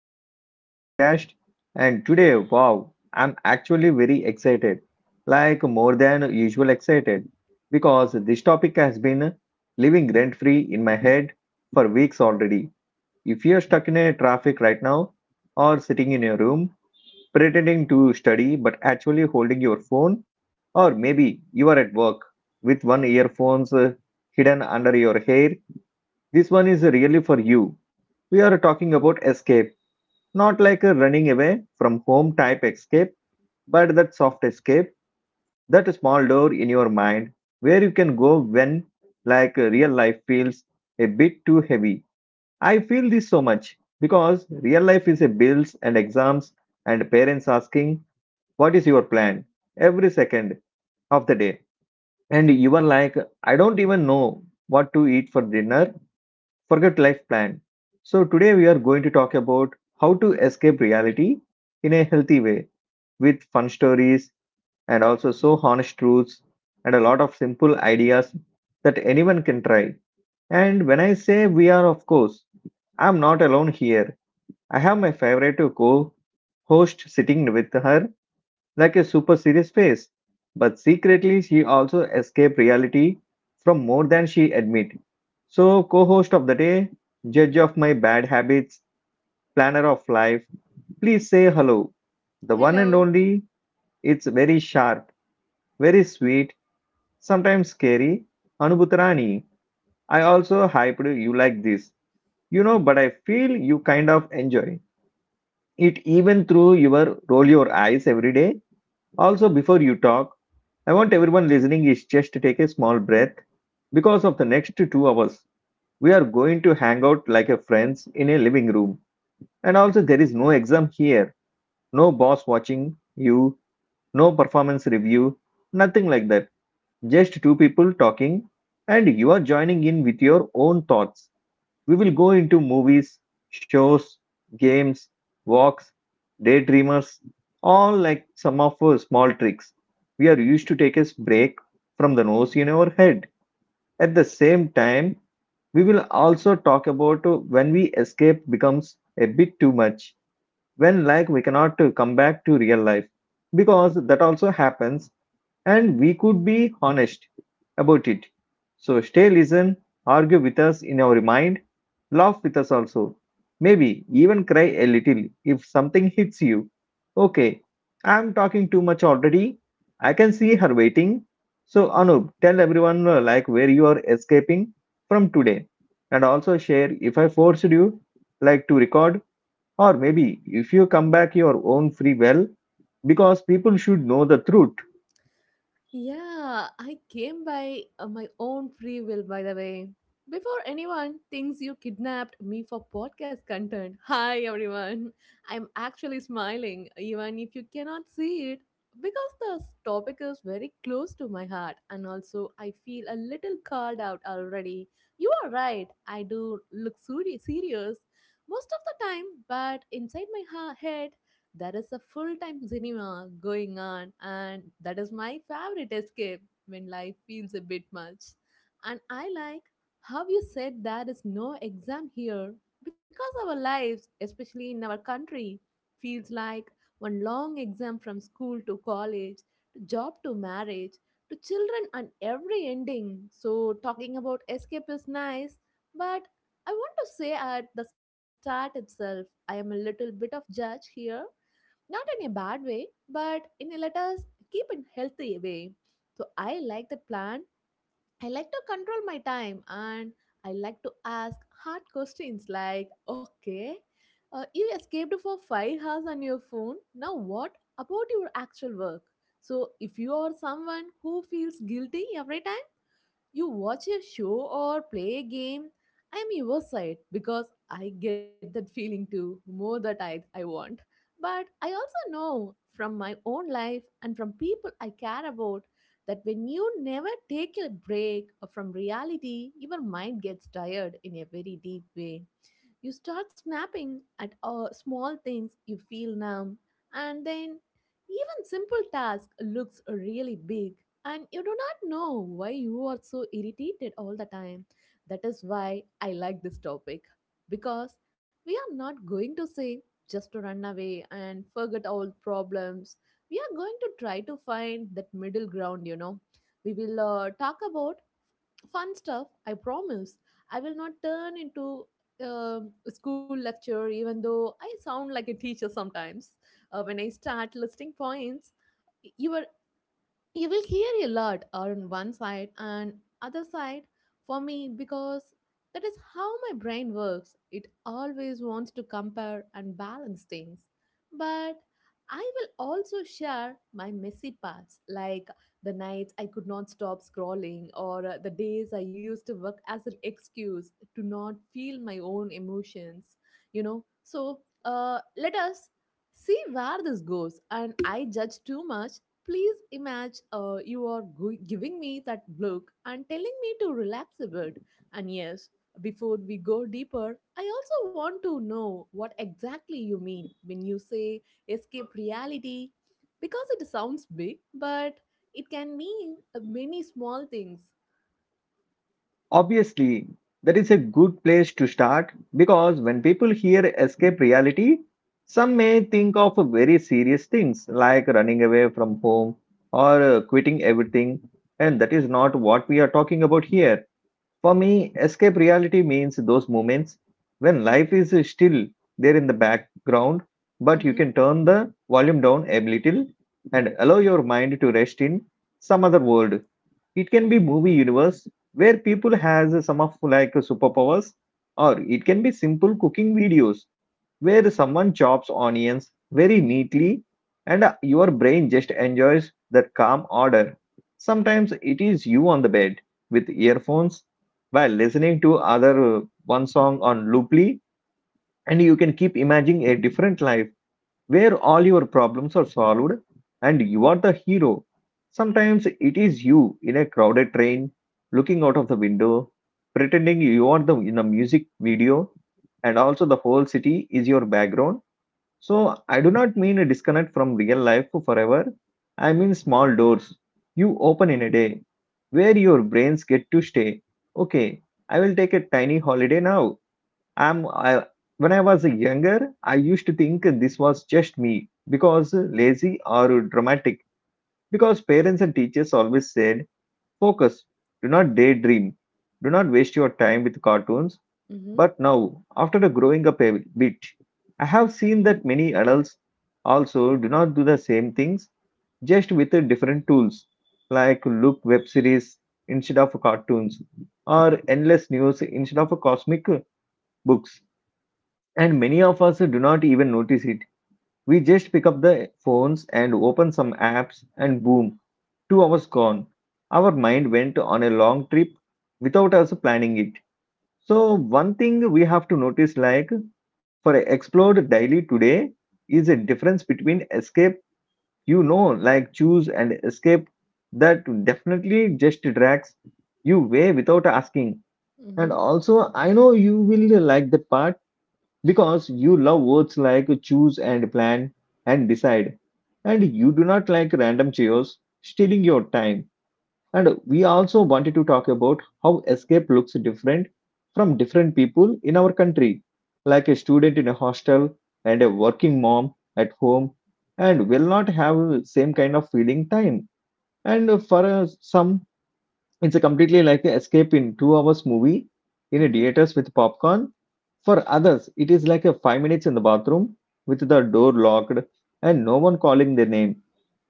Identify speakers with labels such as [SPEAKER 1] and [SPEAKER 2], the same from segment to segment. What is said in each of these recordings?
[SPEAKER 1] to Entertainment Podcast. And today, wow, I'm actually very excited, like more than usual excited, because this topic has been living rent free in my head for weeks already. If you're stuck in a traffic right now, or sitting in your room, pretending to study but actually holding your phone, or maybe you are at work with one earphones hidden under your hair, this one is really for you. We are talking about escape, not like a running away from home type escape, but that soft escape, that small door in your mind where you can go when, like, real life feels a bit too heavy. I feel this so much because real life is a bills and exams and parents asking what is your plan every second of the day. And you are like, I don't even know what to eat for dinner. Forget life plan. So today we are going to talk about how to escape reality in a healthy way with fun stories and also so honest truths and a lot of simple ideas that anyone can try. And when I say we are, of course, I'm not alone here. I have my favorite co host sitting with her like a super serious face. But secretly, she also escaped reality from more than she admit. So, co host of the day, judge of my bad habits, planner of life, please say hello. The one and
[SPEAKER 2] Hello.
[SPEAKER 1] only, it's very sharp, very sweet, sometimes scary. Anubhutarani, I also hyped you like this, you know, but I feel you kind of enjoy it even through your roll your eyes every day. Also, before you talk, I want everyone listening is just to take a small breath because of the next 2 hours. We are going to hang out like a friends in a living room. And also, there is no exam here, no boss watching you, no performance review, nothing like that. Just two people talking, and you are joining in with your own thoughts. We will go into movies, shows, games, walks, daydreamers, all like some of our small tricks. We are used to take a break from the noise in our head. At the same time, we will also talk about when we escape becomes a bit too much, when, like, we cannot come back to real life because that also happens and we could be honest about it. So stay, listen, argue with us in our mind, laugh with us also. Maybe even cry a little if something hits you. Okay, I'm talking too much already. I can see her waiting. So Anup, tell everyone like where you are escaping from today, and also share if I forced you like to record or maybe if you come back your own free will because people should know the truth.
[SPEAKER 2] Yeah, I came by my own free will, by the way. Before anyone thinks you kidnapped me for podcast content, hi everyone. I'm actually smiling, even if you cannot see it, because this topic is very close to my heart, and also I feel a little called out already. You are right, I do look serious most of the time, but inside my head, there is a full-time cinema going on, and that is my favorite escape when life feels a bit much. And I like how you said there is no exam here, because our lives, especially in our country, feels like one long exam from school to college to job to marriage to children and every ending. So talking about escape is nice, but I want to say at the start itself, I am a little bit of judge here, not in a bad way, but in a let us keep it healthy way. So I like that plan. I like to control my time, and I like to ask hard questions like, okay, you escaped for 5 hours on your phone. Now what about your actual work? So if you are someone who feels guilty every time you watch a show or play a game, I'm your side, because I get that feeling too, more that I want. But I also know from my own life and from people I care about that when you never take a break from reality, your mind gets tired in a very deep way. You start snapping at small things, you feel numb, and then even simple task looks really big, and you do not know why you are so irritated all the time. That is why I like this topic, because we are not going to say just to run away and forget all problems. We are going to try to find that middle ground, you know. We will talk about fun stuff, I promise. I will not turn into a school lecture, even though I sound like a teacher sometimes. When I start listing points, you were you will hear a lot on one side and other side for me, because that is how my brain works. It always wants to compare and balance things. But I will also share my messy parts, like the nights I could not stop scrolling, or the days I used to work as an excuse to not feel my own emotions, you know. So let us see where this goes. And I judge too much. Please imagine you are giving me that look and telling me to relax a bit. And yes, before we go deeper, I also want to know what exactly you mean when you say escape reality, because it sounds big, but it can mean many small things.
[SPEAKER 1] Obviously, that is a good place to start because when people hear escape reality, some may think of very serious things like running away from home or quitting everything, and that is not what we are talking about here. For me, escape reality means those moments when life is still there in the background, but you
[SPEAKER 2] Mm-hmm,
[SPEAKER 1] can turn the volume down a little and allow your mind to rest in some other world. It can be movie universe where people has some of like superpowers, or it can be simple cooking videos where someone chops onions very neatly and your brain just enjoys that calm order. Sometimes it is you on the bed with earphones while listening to other one song on looply and you can keep imagining a different life where all your problems are solved and you are the hero. Sometimes it is you in a crowded train looking out of the window pretending you are the in a music video and also the whole city is your background. So I do not mean a disconnect from real life forever. I mean small doors you open in a day where your brains get to stay. Okay, I will take a tiny holiday now. I'm I, when I was younger, I used to think this was just me because lazy or dramatic because parents and teachers always said focus, do not daydream, do not waste your time with cartoons.
[SPEAKER 2] mm-hmm,
[SPEAKER 1] But now, after the growing up a bit, I have seen that many adults also do not do the same things, just with the different tools, like look web series instead of cartoons, or endless news instead of cosmic books. And many of us do not even notice it. We just pick up the phones and open some apps, and boom, 2 hours gone. Our mind went on a long trip without us planning it. So, one thing we have to notice, like, for explored daily today is a difference between escape, you know, like choose, and escape that definitely just drags you way without asking. And
[SPEAKER 2] mm-hmm,
[SPEAKER 1] also, I know you will like that part because you love words like choose and plan and decide, and you do not like random chaos stealing your time. And we also wanted to talk about how escape looks different from different people in our country, like a student in a hostel and a working mom at home, and will not have same kind of feeling time. And for some, it's a completely like a escape in 2 hours movie in a
[SPEAKER 2] mm-hmm.
[SPEAKER 1] theaters with popcorn. For others, it is like a 5 minutes in the bathroom with the door locked and no one calling their name.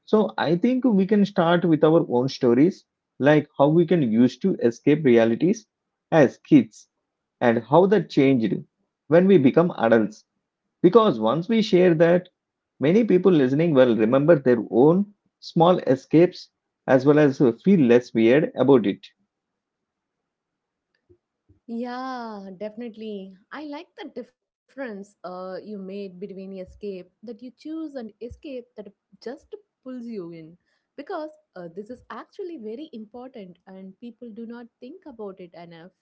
[SPEAKER 1] So I think we can start with our own stories, like how we can use to escape realities as kids and how that changed when we become adults. Because once we share that, many people listening will remember their own small escapes as well as feel less weird about it.
[SPEAKER 2] Yeah, definitely. I like the difference you made between escape that you choose and escape that just pulls you in. Because this is actually very important and people do not think about it enough.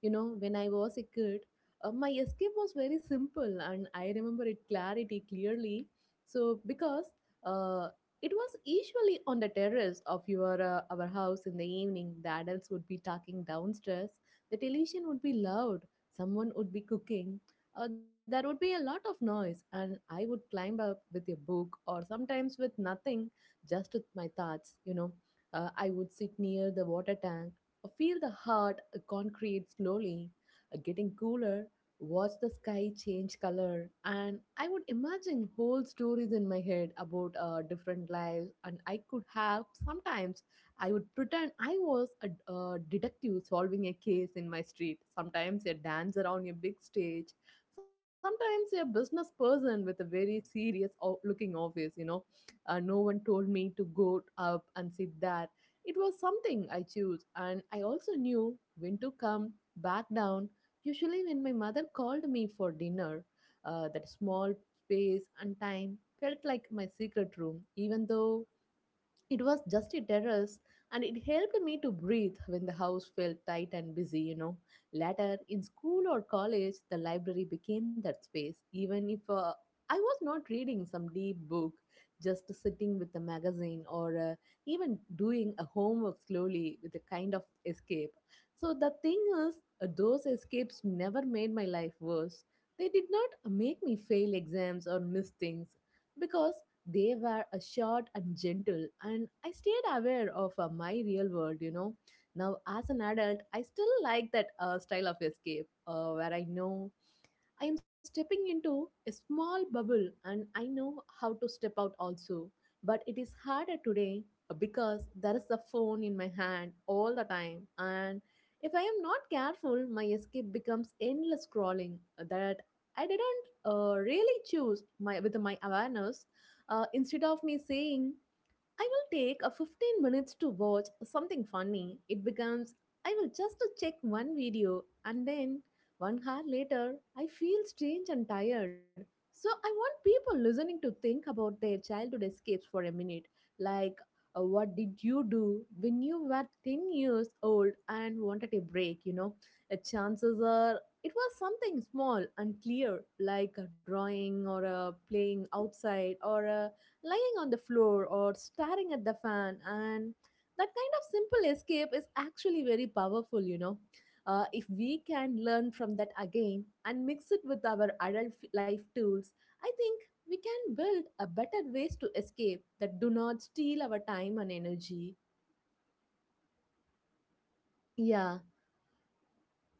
[SPEAKER 2] You know, when I was a kid, my escape was very simple and I remember it clarity clearly. So, because uh, it was usually on the terrace of your our house in the evening, the adults would be talking downstairs, the television would be loud, someone would be cooking, there would be a lot of noise, and I would climb up with a book or sometimes with nothing, just with my thoughts, you know. I would sit near the water tank, feel the hard concrete slowly getting cooler, watch the sky change color, and I would imagine whole stories in my head about different lives, and I could have sometimes I would pretend I was a detective solving a case in my street, sometimes a dancer on a big stage, sometimes a business person with a very serious looking office, you know. No one told me to go up and sit there. It was something I chose, and I also knew when to come back down. Usually, when my mother called me for dinner, that small space and time felt like my secret room, even though it was just a terrace, and it helped me to breathe when the house felt tight and busy, you know. Later, in school or college, the library became that space, even if I was not reading some deep book, just sitting with a magazine or even doing a homework slowly with a kind of escape. So, the thing is, those escapes never made my life worse. They did not make me fail exams or miss things, because they were short and gentle, and I stayed aware of my real world, you know. Now, as an adult, I still like that style of escape where I know I am stepping into a small bubble and I know how to step out also. But it is harder today, because there is the phone in my hand all the time. And if I am not careful, my escape becomes endless scrolling that I didn't really choose my, with my awareness. Instead of me saying, I will take a 15 minutes to watch something funny, it becomes I will just check one video, and then 1 hour later I feel strange and tired. So I want people listening to think about their childhood escapes for a minute. Like what did you do when you were 10 years old and wanted a break, you know? Chances are it was something small and clear, like a drawing or a playing outside or a lying on the floor or staring at the fan. And that kind of simple escape is actually very powerful, you know. Uh, if we can learn from that again and mix it with our adult life tools, I think we can build a better ways to escape that do not steal our time and energy. Yeah,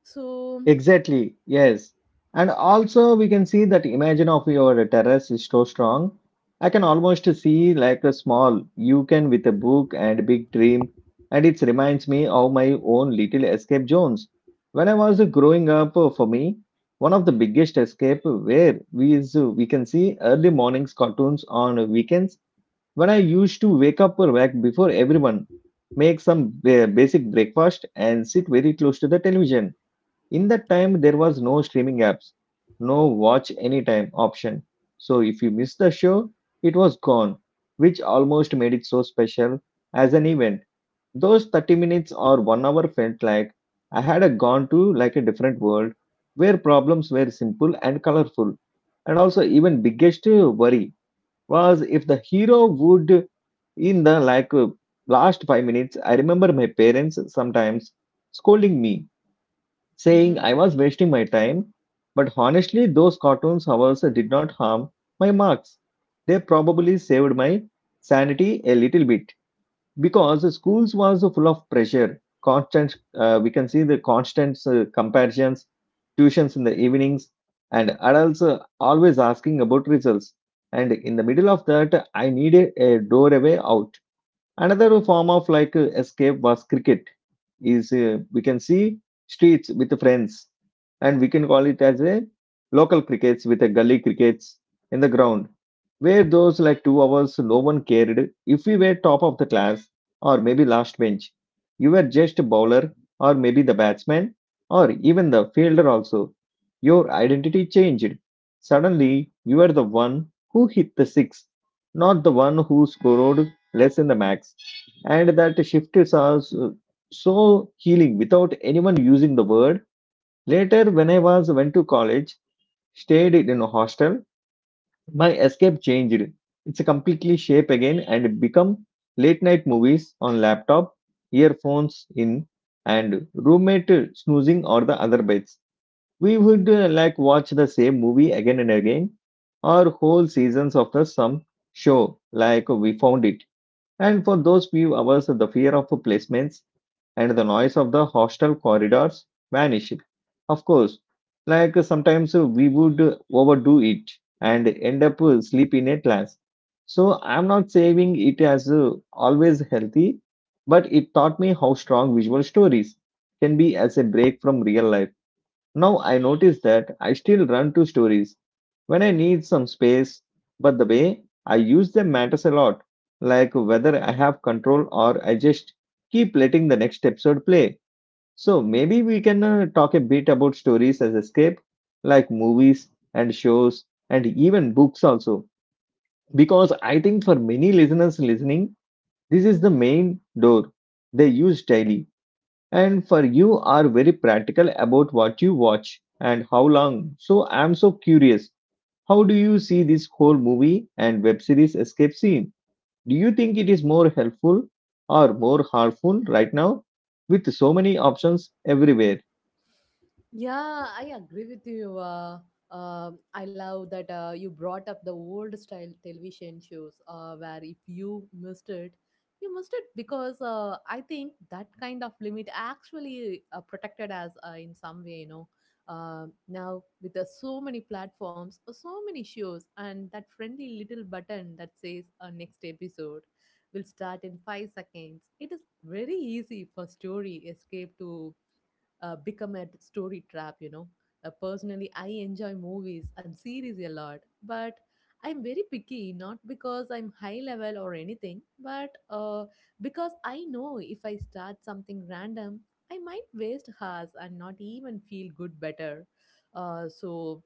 [SPEAKER 2] so
[SPEAKER 1] Exactly, yes. And also, we can see that imagine of your terrace is so strong. I can almost see like a small you can with a book and big dream. And it reminds me of my own little escape zones. When I was growing up, for me, one of the biggest escape where we is we can see early mornings cartoons on weekends. When I used to wake up or wake before everyone, make some basic breakfast and sit very close to the television in that time, there was no streaming apps, no watch anytime option. So if you missed the show, it was gone, which almost made it so special as an event. Those 30 minutes or one hour felt like I had a gone to like a different world where problems were simple and colorful. And also even biggest worry was if the hero would in the like last 5 minutes. I remember my parents sometimes scolding me saying
[SPEAKER 2] mhm.
[SPEAKER 1] I was wasting my time. But honestly, those cartoons hours did not harm my marks. They probably saved my sanity a little bit because the schools was full of pressure. Constant, we can see the constant comparisons, tuitions in the evenings, and adults always asking about results. And in the middle of that, I needed a doorway out. Another form of like escape was cricket is we can see streets with friends, and we can call it as a local crickets with a gully crickets in the ground, where those like 2 hours no one cared if we were top of the class or maybe last bench. You were just a bowler or maybe the batsman or even the fielder also. Your identity changed. Suddenly you were the one who hit the six, not the one who scored less in the max. And that shifted us so healing without anyone using the word. Later, when I was went to college, stayed in a hostel, my escape changed. It's a completely shape again and become late night movies on laptop, earphones in, and roommate snoozing or the other beds. We would like watch the same movie again and again, or whole seasons of the some show like we found it. And for those few hours, the fear of placements and the noise of the hostel corridors vanished. Of course, like sometimes we would overdo it and end up sleep in a class. So I'm not saying it as always healthy, but it taught me how strong visual stories can be as a break from real life. Now I notice that I still run to stories when I need some space, but the way I use them matters a lot, like whether I have control or I just keep letting the next episode play. So maybe we can talk a bit about stories as escape, like movies and shows and even books also, because I think for many listeners listening, this is the main door they use daily. And for you are very practical about what you watch and how long. So I'm so curious. How do you see this whole movie and web series escape scene? Do you think it is more helpful or more harmful right now with so many options everywhere?
[SPEAKER 2] Yeah, I agree with you. I love that you brought up the old style television shows where if you missed it, you missed it, because I think that kind of limit actually protected us in some way, you know. Um, now, with so many platforms, so many shows, and that friendly little button that says next episode will start in 5 seconds, it is very easy for story escape to become a story trap, you know. Personally, I enjoy movies and series a lot, but I'm very picky, not because I'm high level or anything, but because I know if I start something random, I might waste hours and not even feel good better. So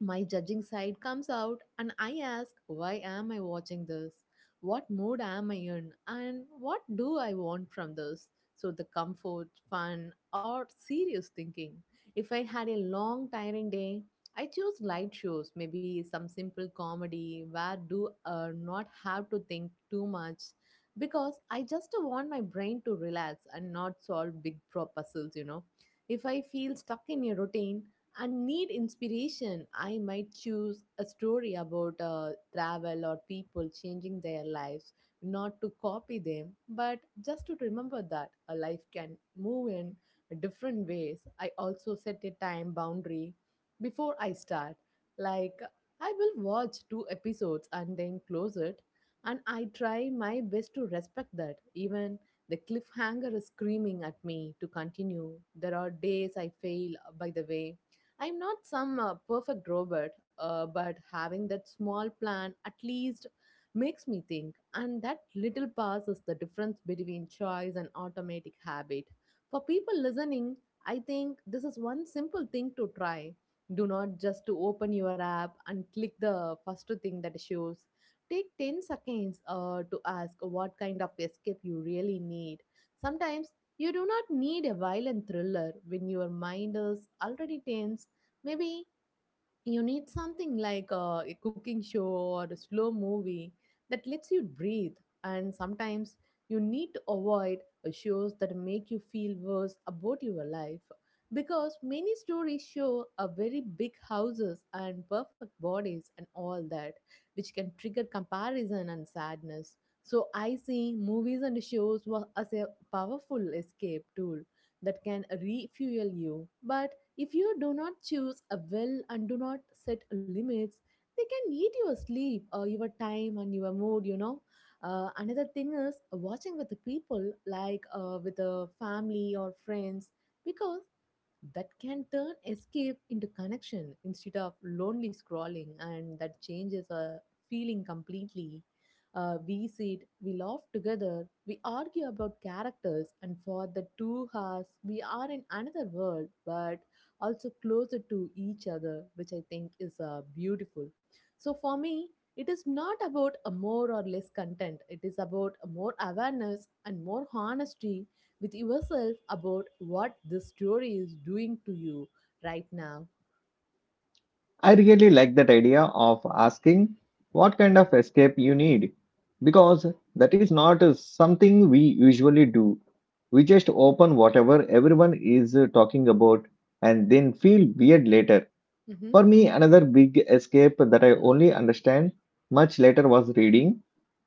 [SPEAKER 2] my judging side comes out, and I ask, why am I watching this? What mood am I in? And what do I want from this? So, the comfort, fun, or serious thinking. If I had a long, tiring day, I choose light shows, maybe some simple comedy where do not have to think too much, because I just want my brain to relax and not solve big pro puzzles, you know. If I feel stuck in a routine and need inspiration, I might choose a story about travel or people changing their lives, not to copy them, but just to remember that a life can move in different ways. I also set a time boundary before I start. Like, I will watch two episodes and then close it. And I try my best to respect that. Even the cliffhanger is screaming at me to continue. There are days I fail by the way. I'm not some perfect robot, but having that small plan at least makes me think. And that little pass is the difference between choice and automatic habit. For people listening, I think this is one simple thing to try. Do not just to open your app and click the first thing that shows. Take 10 seconds to ask what kind of escape you really need. Sometimes you do not need a violent thriller when your mind is already tense. Maybe you need something like a cooking show or a slow movie that lets you breathe. And sometimes you need to avoid shows that make you feel worse about your life. Because many stories show a very big houses and perfect bodies and all that, which can trigger comparison and sadness. So I see movies and shows as a powerful escape tool that can refuel you. But if you do not choose a well and do not set limits, they can eat your sleep, your time, and your mood, you know. Another thing is watching with the people, like with the family or friends, because that can turn escape into connection instead of lonely scrolling, and that changes our feeling completely. We sit, we laugh together, we argue about characters, and for the 2 hours we are in another world but also closer to each other, which I think is beautiful. So for me, it is not about a more or less content. It is about a more awareness and more honesty with yourself about what this story is doing to you right now.
[SPEAKER 1] I really like that idea of asking what kind of escape you need because that is not something we usually do. We just open whatever everyone is talking about and then feel weird later.
[SPEAKER 2] Mm-hmm.
[SPEAKER 1] For me, another big escape that I only understand much later was reading,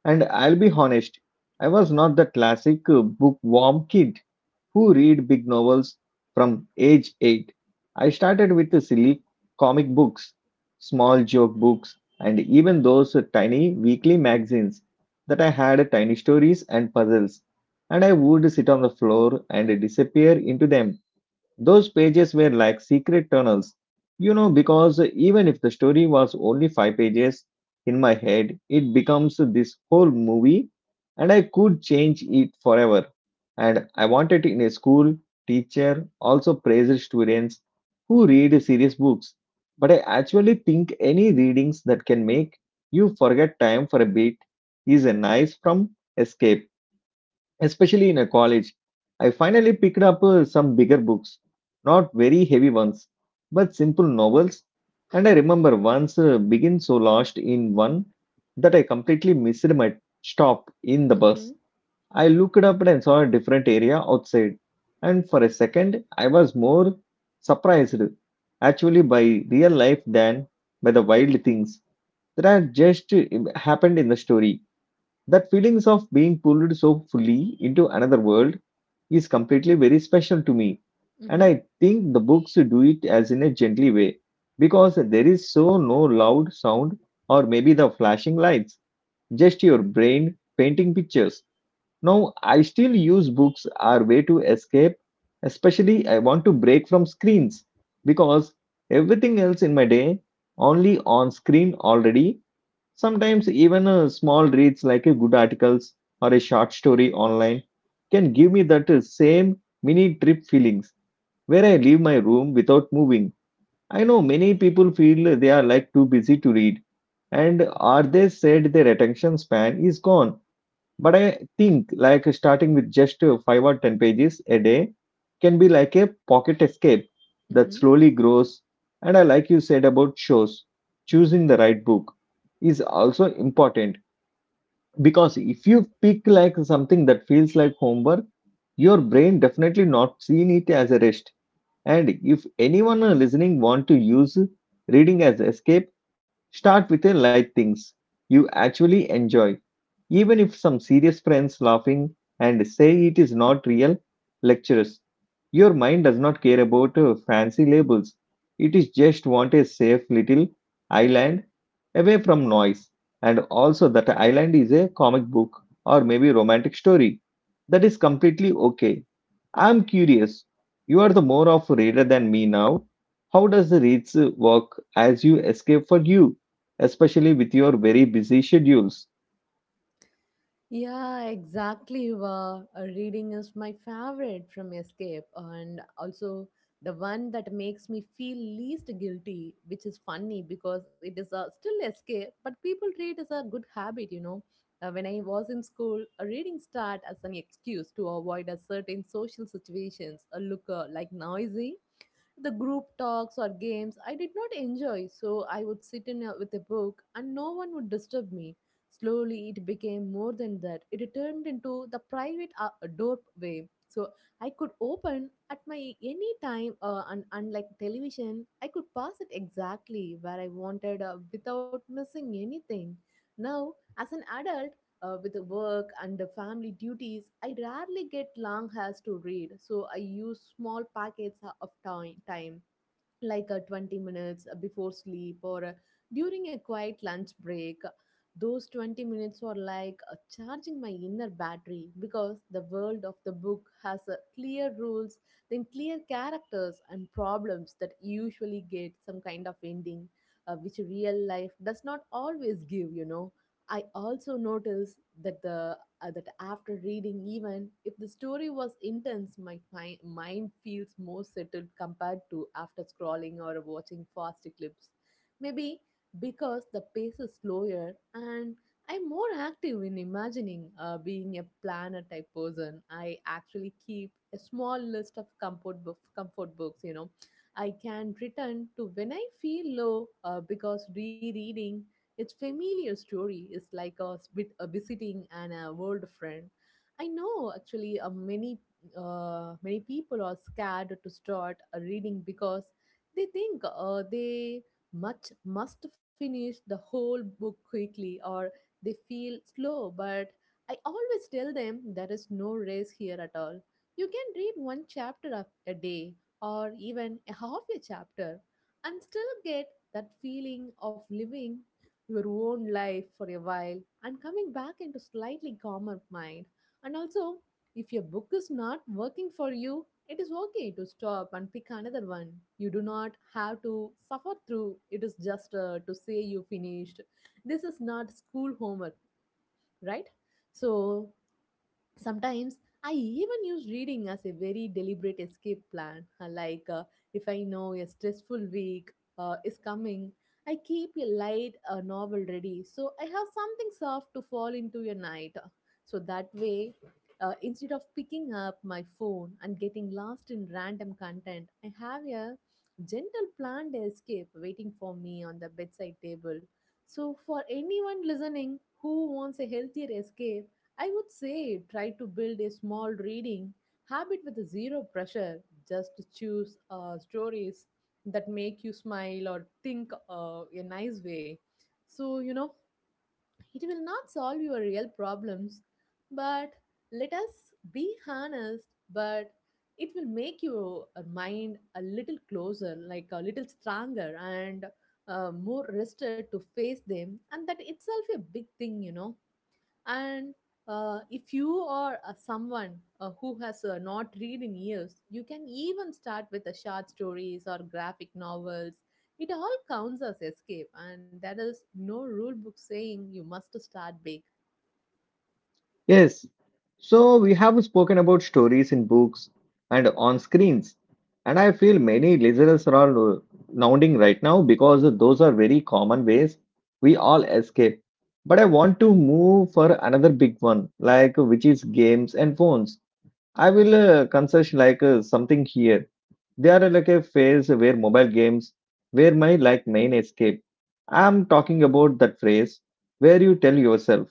[SPEAKER 1] and I'll be honest, I was not the classic bookworm kid who read big novels from age 8. I started with the silly comic books, small joke books, and even those tiny weekly magazines that I had tiny stories and puzzles, and I would sit on the floor and disappear into them. Those pages were like secret tunnels, you know, because even if the story was only five pages in my head, it becomes this whole movie and I could change it forever. And I wanted in a school, teacher also praised students who read serious books. But I actually think any readings that can make you forget time for a bit is a nice from escape especially in a college. I finally picked up some bigger books, not very heavy ones, but simple novels. And I remember once being so lost in one that I completely missed my stop in the
[SPEAKER 2] Mm-hmm.
[SPEAKER 1] bus. I looked up and saw a different area outside, and for a second, I was more surprised actually by real life than by the wild things that had just happened in the story. That feelings of being pulled so fully into another world is completely very special to me. And
[SPEAKER 2] Mm-hmm.
[SPEAKER 1] I think the books do it as in a gently way because there is so no loud sound or maybe the flashing lights, just your brain painting pictures. Now, I still use books our way to escape, especially I want to break from screens because everything else in my day only on screen already. Sometimes even small reads like a good articles or a short story online can give me that same mini trip feelings where I leave my room without moving. I know many people feel they are like too busy to read and are they said their attention span is gone, but I think like starting with just five or ten pages a day can be like a pocket escape that
[SPEAKER 2] Mm-hmm.
[SPEAKER 1] slowly grows. And I like you said about shows, choosing the right book is also important because if you pick like something that feels like homework, your brain definitely not seeing it as a rest. And if anyone listening want to use reading as escape, start with the light things you actually enjoy. Even if some serious friends laughing and say it is not real, lectures. Your mind does not care about fancy labels. It is just want a safe little island away from noise. And also that island is a comic book or maybe romantic story. That is completely okay. I'm curious. You are the more of a reader than me now. How does the reads work as you escape for you, especially with your very busy schedules?
[SPEAKER 2] Yeah, exactly. Eva. Reading is my favorite from Escape, and also the one that makes me feel least guilty, which is funny because it is a, still Escape, but people treat it as a good habit, you know. When I was in school, a reading start as an excuse to avoid a certain social situations, a look like noisy the group talks or games I did not enjoy, so I would sit in a, with a book and no one would disturb me. Slowly, it became more than that. It turned into the private doorway. So I could open at my any time, and unlike television, I could pass it exactly where I wanted without missing anything. Now, as an adult, with the work and the family duties, I rarely get long hours to read, so I use small packets of time like 20 minutes before sleep or during a quiet lunch break. Those 20 minutes are like charging my inner battery because the world of the book has clear rules, then clear characters and problems that usually get some kind of ending, which real life does not always give, you know. I also noticed that the that after reading, even if the story was intense, my mind feels more settled compared to after scrolling or watching fast clips. Maybe because the pace is slower and I'm more active in imagining being a planner type person. I actually keep a small list of comfort books. You know, I can return to when I feel low because rereading its familiar story is like a bit a visiting and a world friend. I know actually many people are scared to start a reading because they think they much must finish the whole book quickly or they feel slow, but I always tell them there is no race here at all. You can read one chapter a day or even a half a chapter and still get that feeling of living your own life for a while and coming back into slightly calmer mind. And also, if your book is not working for you, it is okay to stop and pick another one. You do not have to suffer through it is just to say you finished. This is not school homework, right? So sometimes I even use reading as a very deliberate escape plan. Like if I know a stressful week is coming, I keep a light novel ready so I have something soft to fall into a night. So that way, instead of picking up my phone and getting lost in random content, I have a gentle planned escape waiting for me on the bedside table. So, for anyone listening who wants a healthier escape, I would say try to build a small reading habit with zero pressure. Just choose stories that make you smile or think a nice way. So, you know, it will not solve your real problems, but let us be honest, but it will make your mind a little closer, like a little stronger and more rested to face them. And that itself a big thing, you know. And if you are someone who has not read in years, you can even start with the short stories or graphic novels. It all counts as escape, and there is no rule book saying you must start big.
[SPEAKER 1] Yes. So we have spoken about stories in books and on screens, and I feel many listeners are all nodding right now because those are very common ways we all escape. But I want to move for another big one, like which is games and phones. I will concern like something here. They are like a phase where mobile games where my like main escape. I'm talking about that phrase where you tell yourself,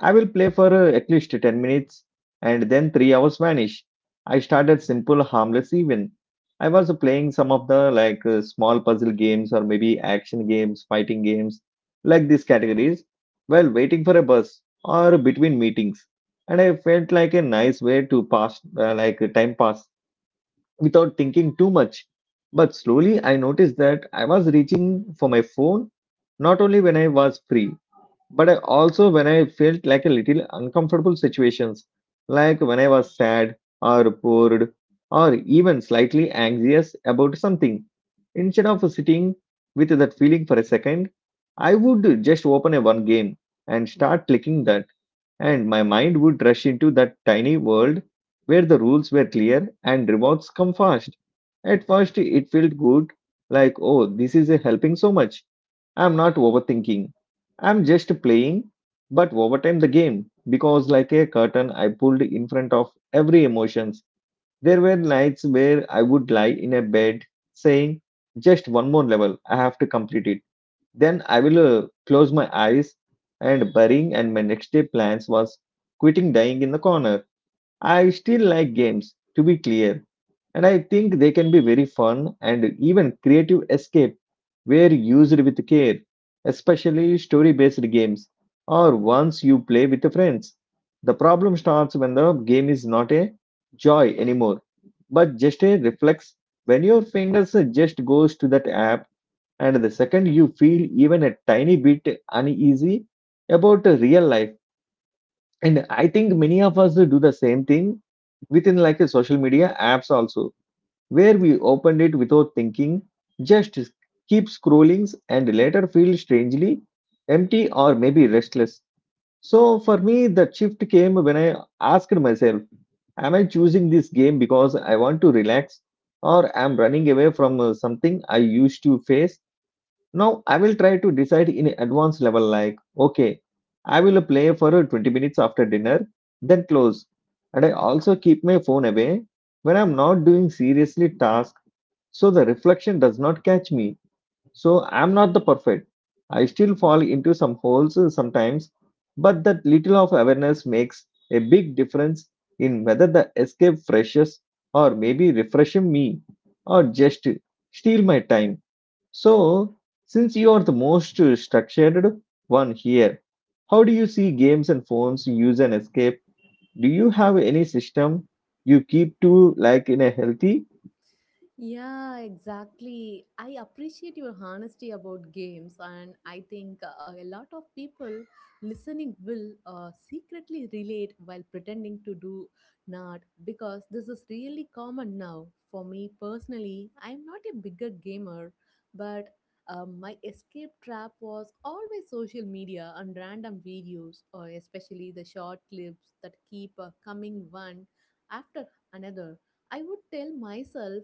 [SPEAKER 1] I will play for at least 10 minutes and then 3 hours vanish. I started simple harmless even. I was playing some of the like small puzzle games or maybe action games, fighting games, like these categories while waiting for a bus or between meetings. And I felt like a nice way to pass like time pass without thinking too much. But slowly I noticed that I was reaching for my phone not only when I was free, but I also when I felt like a little uncomfortable situations, like when I was sad or bored or even slightly anxious about something. Instead of sitting with that feeling for a second, I would just open a one game and start clicking that and my mind would rush into that tiny world where the rules were clear and rewards come fast. At first, it felt good, like, oh, this is helping so much. I'm not overthinking. I'm just playing, but over time the game, because like a curtain I pulled in front of every emotions. There were nights where I would lie in a bed saying, just one more level, I have to complete it. Then I will close my eyes and burying, and my next day plans was quitting dying in the corner. I still like games, to be clear, and I think they can be very fun and even creative escape were used with care, especially story based games or ones you play with friends. The problem starts when the game is not a joy anymore, but just a reflex when your fingers just goes to that app and the second you feel even a tiny bit uneasy about real life. And I think many of us do the same thing within like a social media apps also, where we opened it without thinking, just keep scrolling and later feel strangely empty or maybe restless. So for me, the shift came when I asked myself, am I choosing this game because I want to relax or am running away from something I used to face. Now I will try to decide in advanced level like, okay, I will play for 20 minutes after dinner, then close. And I also keep my phone away when I'm not doing seriously task so the reflection does not catch me. So I'm not the perfect. I still fall into some holes sometimes, but that little of awareness makes a big difference in whether the escape freshes or maybe refreshing me or just steal my time. So, since you are the most structured one here, how do you see games and phones use and escape? Do you have any system you keep to like in a healthy?
[SPEAKER 2] Yeah, exactly. I appreciate your honesty about games, and I think a lot of people listening will secretly relate while pretending to do not because this is really common now. For me personally, I'm not a bigger gamer, but my escape trap was always social media and random videos, or especially the short clips that keep coming one after another. I would tell myself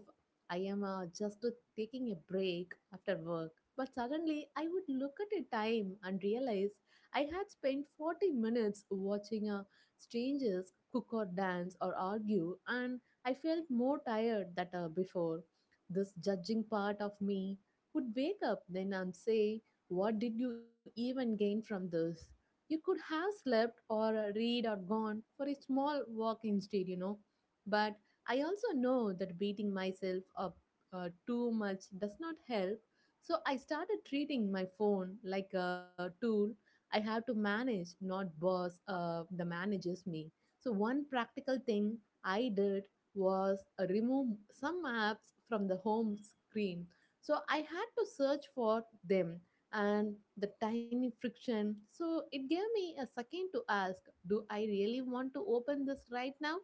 [SPEAKER 2] I am just taking a break after work. But suddenly I would look at a time and realize I had spent 40 minutes watching strangers cook or dance or argue, and I felt more tired than before. This judging part of me would wake up then and say, "What did you even gain from this? You could have slept or read or gone for a small walk instead," you know. But I also know that beating myself up too much does not help, so I started treating my phone like a tool I have to manage, not boss that manages me. So, one practical thing I did was remove some apps from the home screen. So, I had to search for them and the tiny friction. So, it gave me a second to ask, "Do I really want to open this right now?"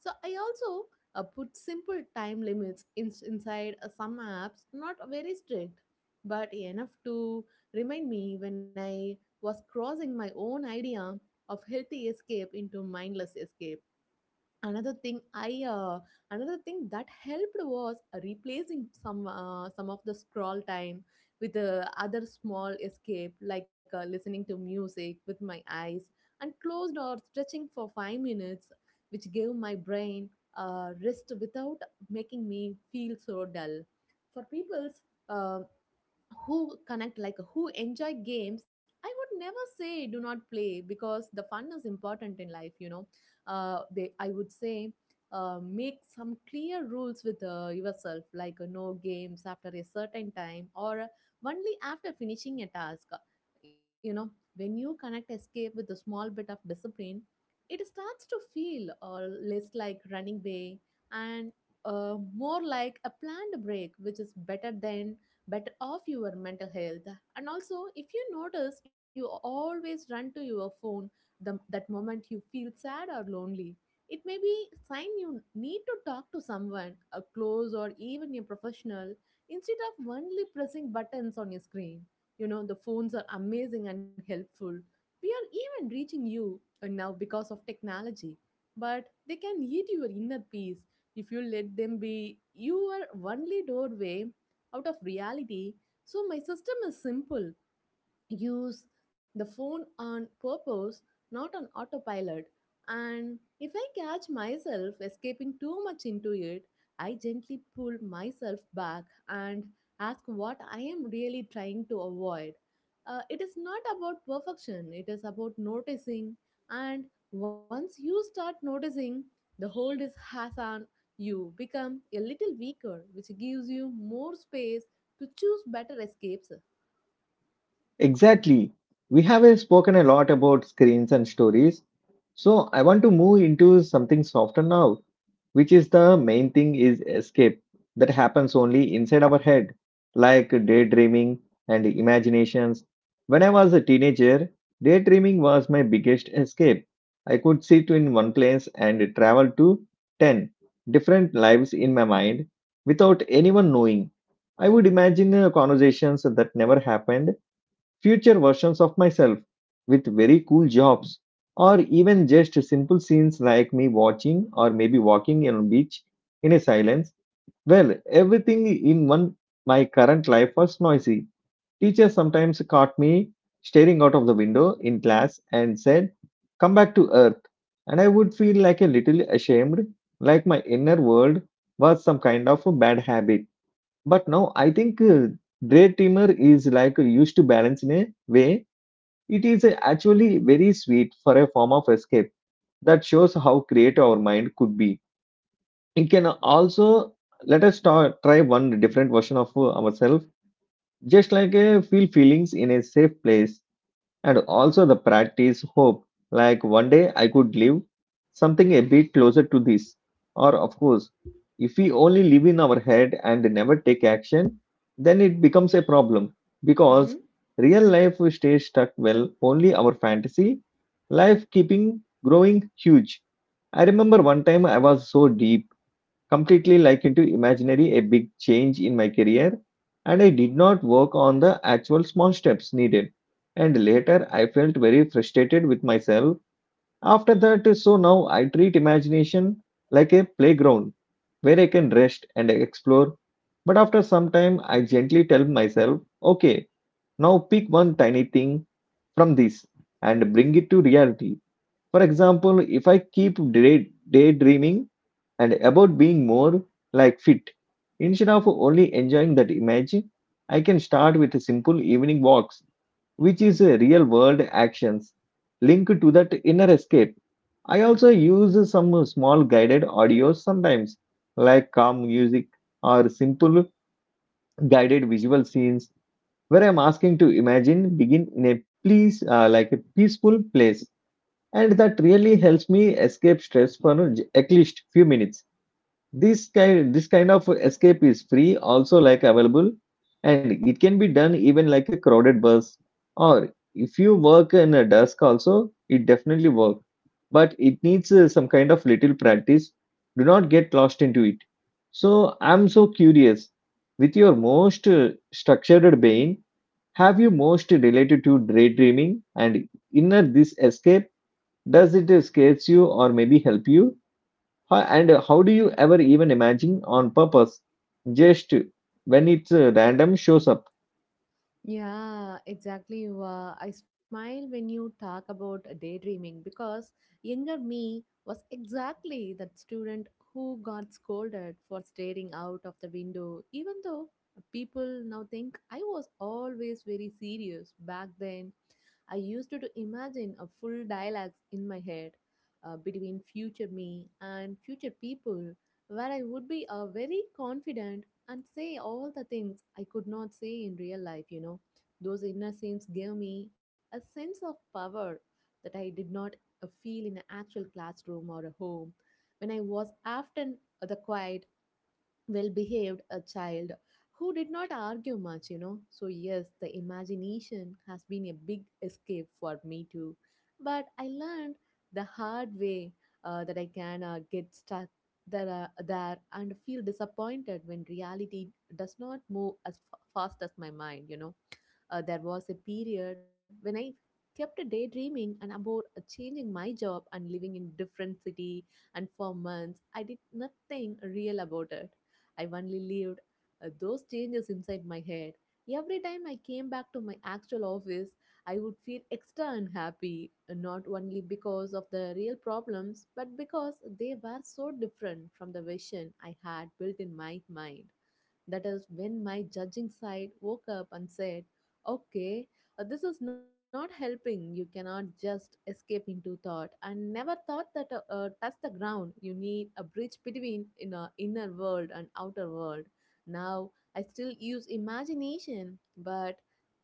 [SPEAKER 2] So I also put simple time limits in, inside some apps, not very strict, but enough to remind me when I was crossing my own idea of healthy escape into mindless escape. Another thing i uh, another thing that helped was replacing some of the scroll time with other small escape like listening to music with my eyes and closed or stretching for 5 minutes, which gave my brain a rest without making me feel so dull. For people's uh, who connect, like who enjoy games, I would never say do not play because the fun is important in life, you know. Uh, they i would say make some clear rules with yourself like no games after a certain time or only after finishing a task, you know. When you connect escape with a small bit of discipline, it starts to feel less like running away and uh, more like a planned break, which is better than better off your mental health. And also, if you notice you always run to your phone that moment you feel sad or lonely, it may be sign you need to talk to someone a close or even a professional instead of only pressing buttons on your screen. You know, the phones are amazing and helpful. We are even reaching you now because of technology, but they can eat your inner peace if you let them be your only doorway out of reality. So my system is simple: use the phone on purpose, not on autopilot. And if I catch myself escaping too much into it, I gently pull myself back and ask what I am really trying to avoid. It is not about perfection, it is about noticing. And once you start noticing, the hold is has on you become a little weaker, which gives you more space to choose better escapes.
[SPEAKER 1] Exactly. We have spoken a lot about screens and stories. So I want to move into something softer now, which is the main thing is escape that happens only inside our head, like daydreaming and imaginations. When I was a teenager, daydreaming was my biggest escape. I could sit in one place and travel to 10 different lives in my mind without anyone knowing. I would imagine conversations that never happened, future versions of myself with very cool jobs or even just simple scenes like me watching or maybe walking on a beach in a silence. Well, everything in one my current life was noisy. Teacher sometimes caught me staring out of the window in class and said, come back to earth. And I would feel like a little ashamed, like my inner world was some kind of a bad habit. But now I think Grey Trimmer is like used to balance in a way. It is actually very sweet for a form of escape that shows how creative our mind could be. It can also let us start, try one different version of ourselves, just like a feel feelings in a safe place and also the practice hope, like one day I could live something a bit closer to this. Or, of course, if we only live in our head and never take action, then it becomes a problem
[SPEAKER 2] Mhm.
[SPEAKER 1] because real life stays stuck well, only our fantasy life keeping growing huge. I remember one time I was so deep completely like into imaginary a big change in my career and I did not work on the actual small steps needed. And later I felt very frustrated with myself after that. So now I treat imagination like a playground where I can rest and explore. But after some time, I gently tell myself, okay, now pick one tiny thing from this and bring it to reality. For example, if I keep daydreaming, and about being more like fit. Instead of only enjoying that image, I can start with simple evening walks, which is a real world actions linked to that inner escape. I also use some small guided audios sometimes, like calm music or simple guided visual scenes, where I'm asking to imagine begin in a please like a peaceful place, and that really helps me escape stress for at least few minutes. This kind of escape is free, also like available, and it can be done even like a crowded bus. Or if you work in a desk also, it definitely works. But it needs some kind of little practice. Do not get lost into it. So I'm so curious. With your most structured brain, have you most related to daydreaming and inner this escape? Does it scares you or maybe help you? And how do you ever even imagine on purpose just when it's random shows up?
[SPEAKER 2] Yeah, exactly. Wa. I smile when you talk about daydreaming because younger me was exactly that student who got scolded for staring out of the window, even though people now think I was always very serious back then. I used to imagine a full dialogue in my head between future me and future people where I would be a very confident and say all the things I could not say in real life, you know. Those inner scenes gave me a sense of power that I did not feel in an actual classroom or a home. When I was often the quiet well behaved a child who did not argue much, you know. So yes, the imagination has been a big escape for me too, but I learned the hard way that I can get stuck there and feel disappointed when reality does not move as fast as my mind, you know. There was a period when I kept daydreaming and about changing my job and living in different city, and for months I did nothing real about it. I only lived those changes inside my head. Every time I came back to my actual office, I would feel extra unhappy, not only because of the real problems, but because they were so different from the vision I had built in my mind. That is when my judging side woke up and said, "Okay, this is not helping. You cannot just escape into thought. I never thought that touch the ground. You need a bridge between in a inner world and outer world. Now I still use imagination, but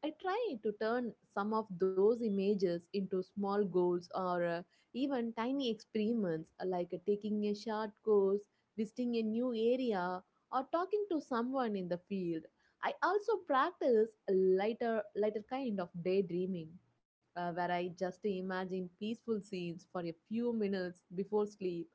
[SPEAKER 2] I try to turn some of those images into small goals or even tiny experiments, like taking a short course, visiting a new area, or talking to someone in the field. I also practice a lighter kind of daydreaming, where I just imagine peaceful scenes for a few minutes before sleep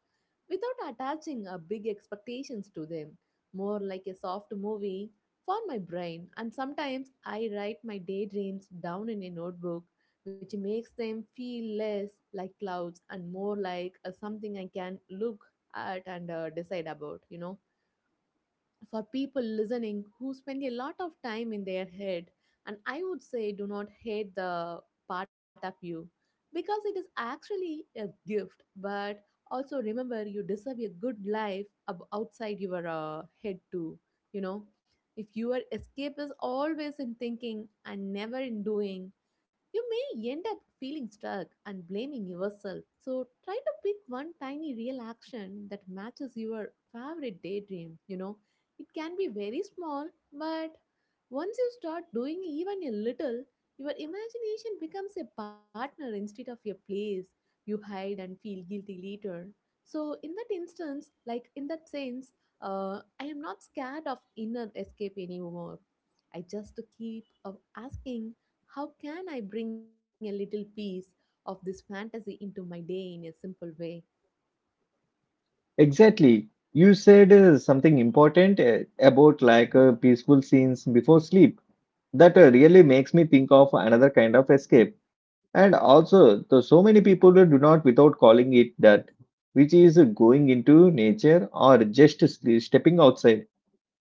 [SPEAKER 2] without attaching a big expectations to them, more like a soft movie for my brain. And sometimes I write my daydreams down in a notebook, which makes them feel less like clouds and more like something I can look at and decide about. For people listening who spend a lot of time in their head, and I would say, do not hate the part of you because it is actually a gift. But also remember you deserve a good life outside your head too you know if your escape is always in thinking and never in doing, you may end up feeling stuck and blaming yourself, so try to pick one tiny real action that matches your favorite daydream. It can be very small, but once you start doing even a little, your imagination becomes a partner instead of a place you hide and feel guilty later. So, in that sense, I am not scared of inner escape anymore. I just keep asking, how can I bring a little piece of this fantasy into my day in a simple way?
[SPEAKER 1] Exactly. You said something important about like peaceful scenes before sleep. That really makes me think of another kind of escape. And also, the, so many people do not without calling it that, which is going into nature or just stepping outside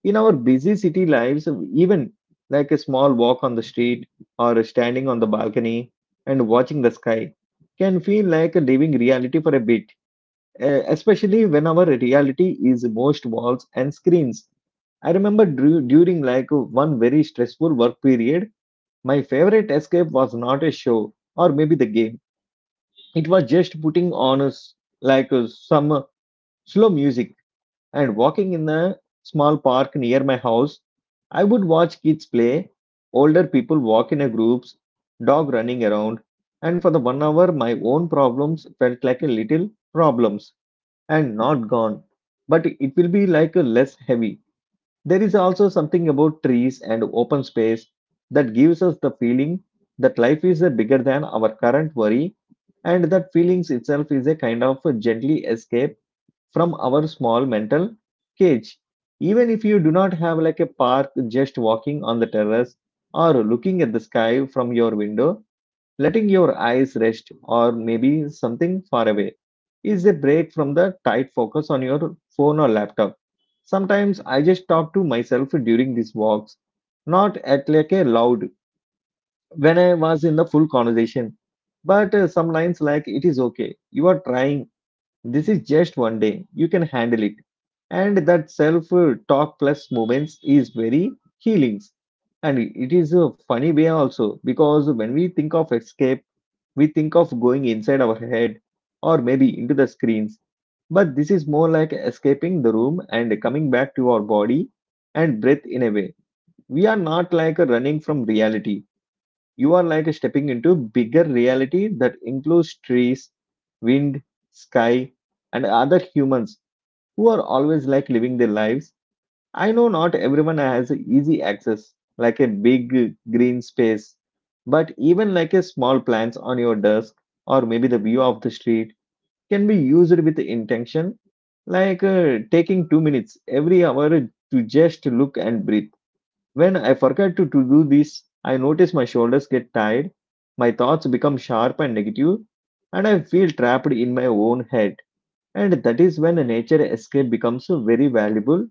[SPEAKER 1] in our busy city lives, even like a small walk on the street or standing on the balcony and watching the sky can feel like leaving reality for a bit, eh, especially when our reality is most walls and screens. I remember during like one very stressful work period, my favorite escape was not a show or maybe the game. It was just putting on a s like some slow music and walking in a small park near my house. I would watch kids play, older people walk in a groups, dog running around, and for the 1 hour my own problems felt like a little problems and not gone. But it will be like a less heavy. There is also something about trees and open space that gives us the feeling that life is bigger than our current worry, and that feelings itself is a kind of a gently escape from our small mental cage. Even if you do not have like a park, just walking on the terrace or looking at the sky from your window, letting your eyes rest or maybe something far away is a break from the tight focus on your phone or laptop. Sometimes I just talk to myself during these walks, not at like a loud when I was in the full conversation, but some lines like it is okay, you are trying, this is just 1 day. You can handle it. And that self talk plus moments is very healing. And it is a funny way also because when we think of escape, we think of going inside our head or maybe into the screens. But this is more like escaping the room and coming back to our body and breath in a way. We are not like running from reality. You are like stepping into bigger reality that includes trees, wind, sky, and other humans who are always like living their lives. I know not everyone has easy access, like a big green space, but even like a small plants on your desk or maybe the view of the street can be used with intention, like taking 2 minutes every hour to just look and breathe. When I forget to do this, I notice my shoulders get tired, my thoughts become sharp and negative, and I feel trapped in my own head. And that is when a nature escape becomes very valuable.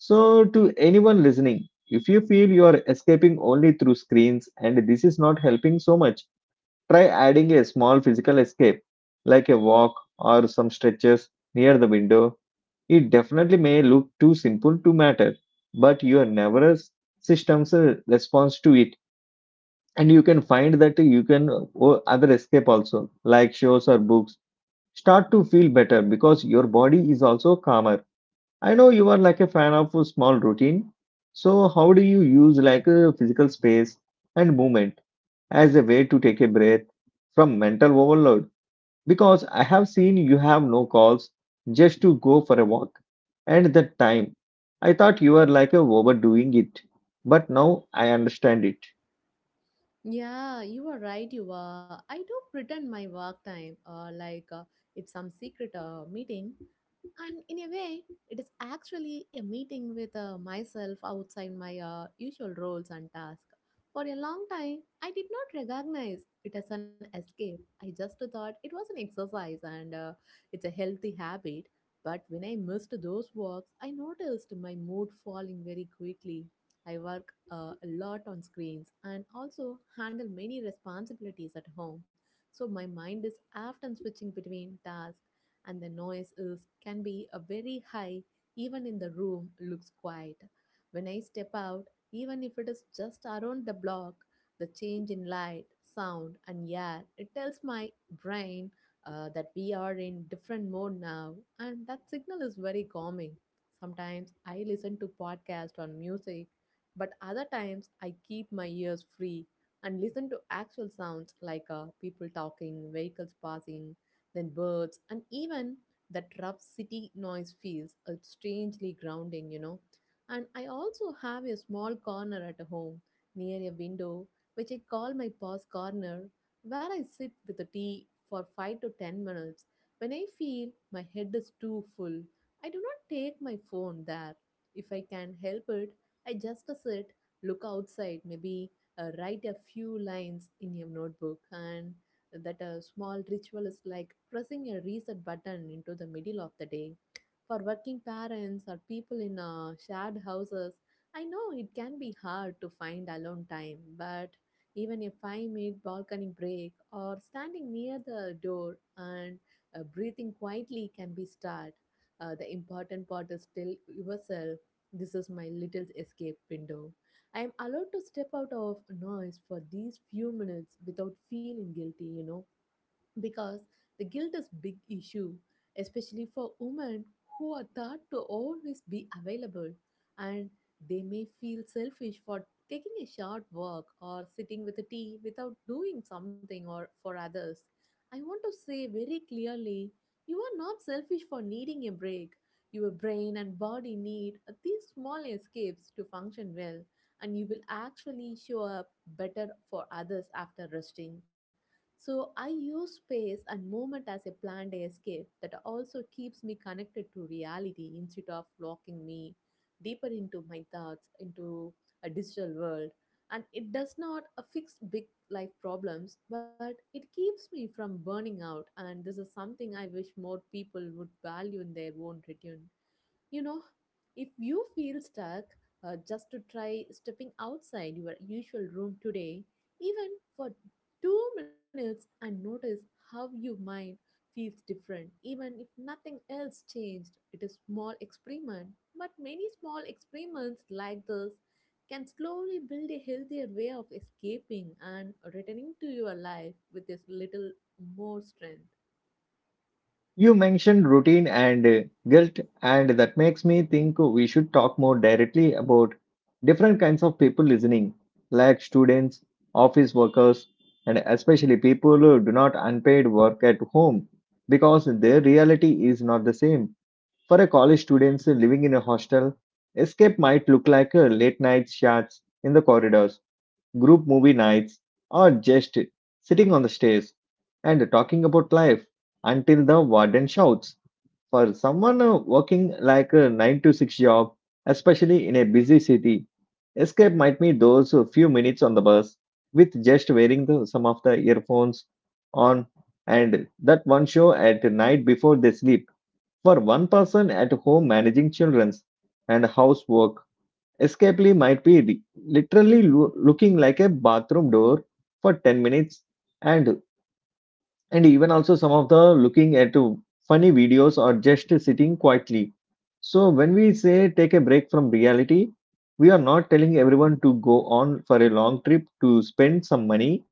[SPEAKER 1] So, to anyone listening, if you feel you are escaping only through screens and this is not helping so much, try adding a small physical escape like a walk or some stretches near the window. It definitely may look too simple to matter, but your nervous system's response to it. And you can find that you can other escape also, like shows or books, start to feel better because your body is also calmer. I know you are like a fan of a small routine. So how do you use like a physical space and movement as a way to take a breath from mental overload? Because I have seen you have no calls just to go for a walk. And that time, I thought you were like a overdoing it. But now I understand it.
[SPEAKER 2] Yeah, you are right. You are. I do pretend my work time, like it's some secret meeting, and in a way, it is actually a meeting with myself outside my usual roles and tasks. For a long time, I did not recognize it as an escape. I just thought it was an exercise and it's a healthy habit. But when I missed those walks, I noticed my mood falling very quickly. I work a lot on screens and also handle many responsibilities at home. So my mind is often switching between tasks, and the noise is can be a very high even in the room looks quiet. When I step out, even if it is just around the block, the change in light, sound and air, it tells my brain that we are in different mode now, and that signal is very calming. Sometimes I listen to podcasts or music, but other times, I keep my ears free and listen to actual sounds like people talking, vehicles passing, then birds, and even that rough city noise feels strangely grounding. And I also have a small corner at home near a window, which I call my pause corner, where I sit with a tea for 5 to 10 minutes. When I feel my head is too full, I do not take my phone there. If I can help it, I just sit, look outside, maybe write a few lines in a notebook, and that a small ritual is like pressing a reset button into the middle of the day. For working parents or people in shared houses, I know it can be hard to find alone time, but even a 5-minute balcony break or standing near the door and breathing quietly can be start. The important part is still yourself. This is my little escape window. I am allowed to step out of noise for these few minutes without feeling guilty, because the guilt is big issue, especially for women who are thought to always be available, and they may feel selfish for taking a short walk or sitting with a tea without doing something or for others. I want to say very clearly, you are not selfish for needing a break. Your brain and body need these small escapes to function well, and you will actually show up better for others after resting. So I use space and movement as a planned escape that also keeps me connected to reality instead of locking me deeper into my thoughts, into a digital world. And it does not fix big life problems, but it keeps me from burning out. And this is something I wish more people would value in their own return. You know, if you feel stuck, just to try stepping outside your usual room today, even for 2 minutes, and notice how your mind feels different. Even if nothing else changed, it is small experiment. But many small experiments like this can slowly build a healthier way of escaping and returning to your life with a little more strength.
[SPEAKER 1] You mentioned routine and guilt, and that makes me think we should talk more directly about different kinds of people listening, like students, office workers, and especially people who do not unpaid work at home because their reality is not the same. For a college student living in a hostel, escape might look like a late night chats in the corridors, group movie nights, or just sitting on the stairs and talking about life until the warden shouts. For someone working like a 9 to 6 job, especially in a busy city, escape might be those few minutes on the bus with just wearing the, some of the earphones on, and that one show at night before they sleep. For one person at home managing children's and housework, escapee might be literally looking like a bathroom door for 10 minutes, and and even also some of the looking at funny videos or just sitting quietly. So when we say take a break from reality, we are not telling everyone to go on for a long trip to spend some money.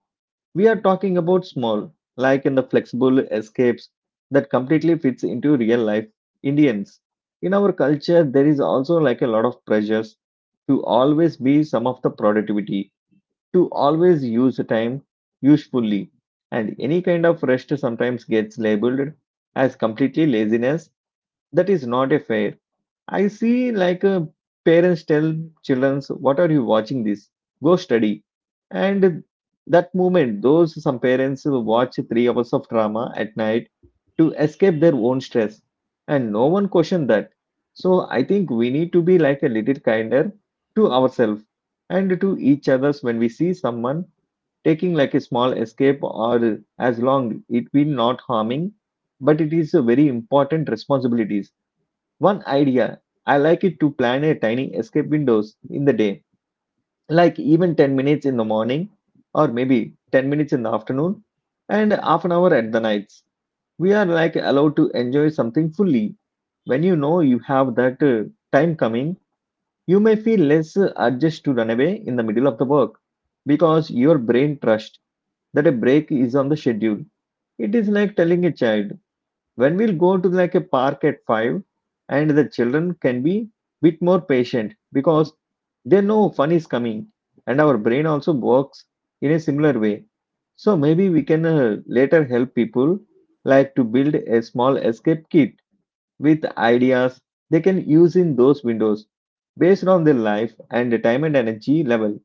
[SPEAKER 1] We are talking about small, like in the flexible escapes that completely fits into real life Indians. In our culture, there is also like a lot of pressures to always be some of the productivity, to always use time usefully. And any kind of rest sometimes gets labeled as completely laziness. That is not a fair. I see like parents tell children, what are you watching this? Go study. And that moment, those some parents will watch 3 hours of drama at night to escape their own stress. And no one questioned that. So I think we need to be like a little kinder to ourselves and to each others when we see someone taking like a small escape, or as long it will not harming, but it is a very important responsibilities. One idea I like it to plan a tiny escape windows in the day, like even 10 minutes in the morning or maybe 10 minutes in the afternoon and half an hour at the nights. We are like allowed to enjoy something fully. When you know you have that time coming, you may feel less urged to run away in the middle of the work because your brain trusts that a break is on the schedule. It is like telling a child, when we'll go to like a park at five, and the children can be bit more patient because they know fun is coming, and our brain also works in a similar way. So maybe we can later help people like to build a small escape kit with ideas they can use in those windows based on their life and the time and energy level.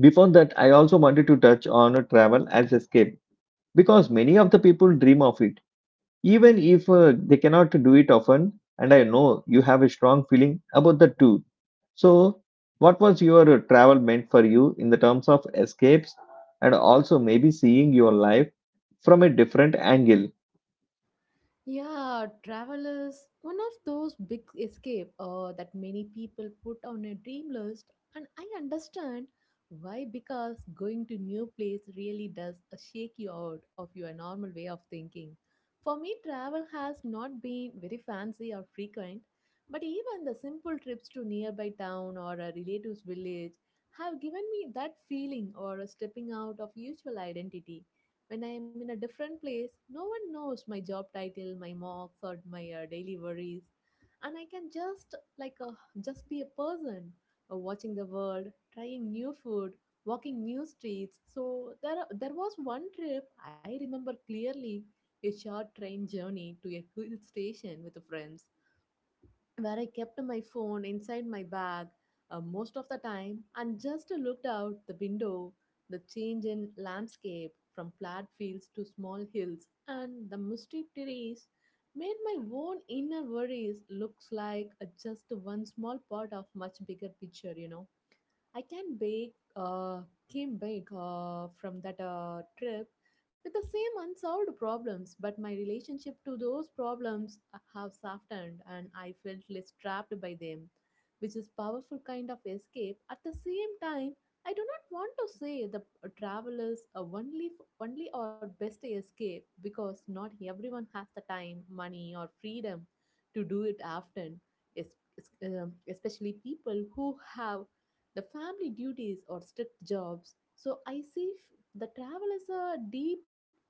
[SPEAKER 1] Before that, I also wanted to touch on travel as escape because many of the people dream of it, even if they cannot do it often, and I know you have a strong feeling about the two. So what was your travel meant for you in the terms of escapes, and also maybe seeing your life from a different angle?
[SPEAKER 2] Yeah, travel is one of those big escape that many people put on a dream list, and I understand why, because going to new place really does shake you out of your normal way of thinking. For me, travel has not been very fancy or frequent, but even the simple trips to nearby town or a relative's village have given me that feeling or a stepping out of usual identity. When I am in a different place, no one knows my job title, my marks, or my daily worries, and I can just be a person watching the world, trying new food, walking new streets. So there was one trip I remember clearly, a short train journey to a hill station with friends where I kept my phone inside my bag most of the time and just looked out the window. The change in landscape from flat fields to small hills and the misty trees made my own inner worries looks like a just one small part of much bigger picture. I came back from that trip with the same unsolved problems, but my relationship to those problems have softened, and I felt less trapped by them, which is powerful kind of escape. At the same time, I do not want to say the travelers are only our best escape because not everyone has the time, money, or freedom to do it often, especially people who have the family duties or strict jobs. So I see the travel as a deep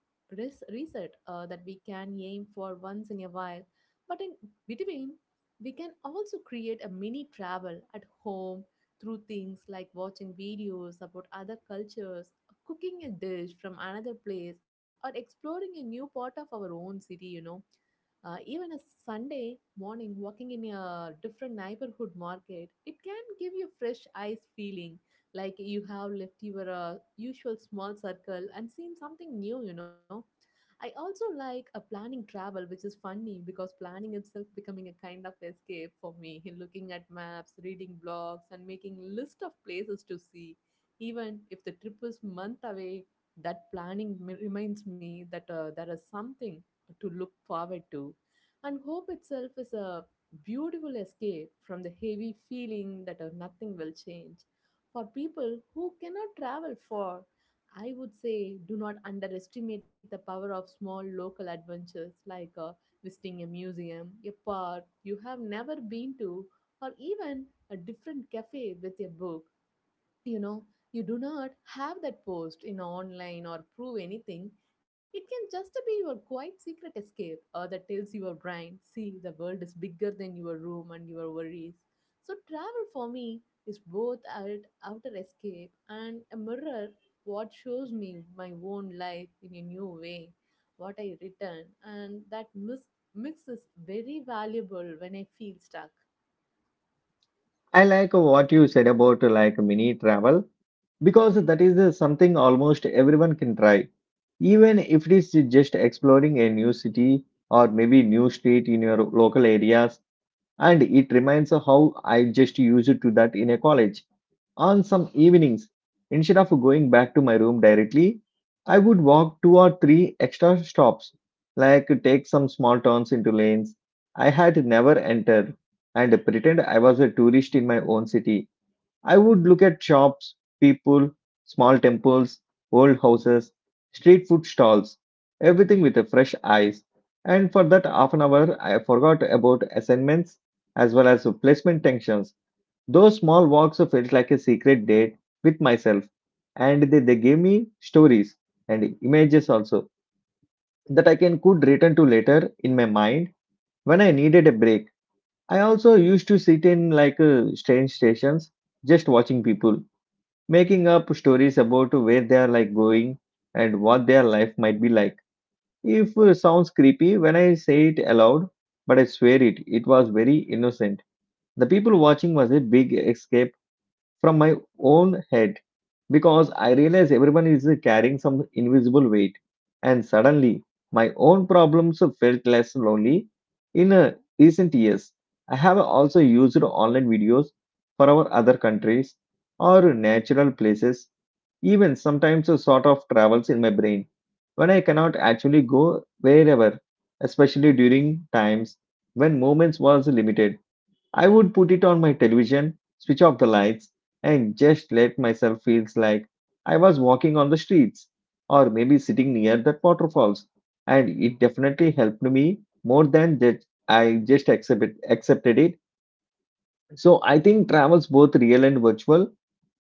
[SPEAKER 2] reset that we can aim for once in a while. But in between, we can also create a mini travel at home through things like watching videos about other cultures, cooking a dish from another place, or exploring a new part of our own city. Even a Sunday morning walking in a different neighborhood market, it can give you fresh eyes feeling like you have left your usual small circle and seen something new. I also like a planning travel, which is funny because planning itself becoming a kind of escape for me. Looking at maps, reading blogs, and making list of places to see, even if the trip is month away, that planning reminds me that there is something to look forward to. And hope itself is a beautiful escape from the heavy feeling that nothing will change. For people who cannot travel far, I would say do not underestimate the power of small local adventures like visiting a museum, a park you have never been to, or even a different cafe with a book you know you do not have that post in online or prove anything. It can just be your quiet secret escape that tells your brain, see the world is bigger than your room and your worries. So travel for me is both an outer escape and a mirror what shows me my own life in a new way. What I return and that mix is very valuable when I feel stuck.
[SPEAKER 1] I like what you said about like mini travel because that is something almost everyone can try, even if it is just exploring a new city or maybe new street in your local areas. And it reminds how I just used to that in a college. On some evenings, instead of going back to my room directly, I would walk two or three extra stops, like take some small turns into lanes I had never entered, and pretend I was a tourist in my own city. I would look at shops, people, small temples, old houses, street food stalls, everything with a fresh eyes. And for that half an hour, I forgot about assignments as well as placement tensions. Those small walks felt like a secret date with myself, and they gave me stories and images also that I can could return to later in my mind when I needed a break. I also used to sit in like train stations, just watching people, making up stories about where they are like going and what their life might be like. If sounds creepy when I say it aloud, but I swear it was very innocent. The people watching was a big escape from my own head because I realize everyone is carrying some invisible weight. And suddenly, my own problems felt less lonely. In recent years, I have also used online videos for our other countries or natural places, even sometimes a sort of travels in my brain when I cannot actually go wherever, especially during times when movements was limited. I would put it on my television, switch off the lights, and just let myself feel like I was walking on the streets or maybe sitting near the waterfalls. And it definitely helped me more than that. I just accepted it. So I think travels, both real and virtual,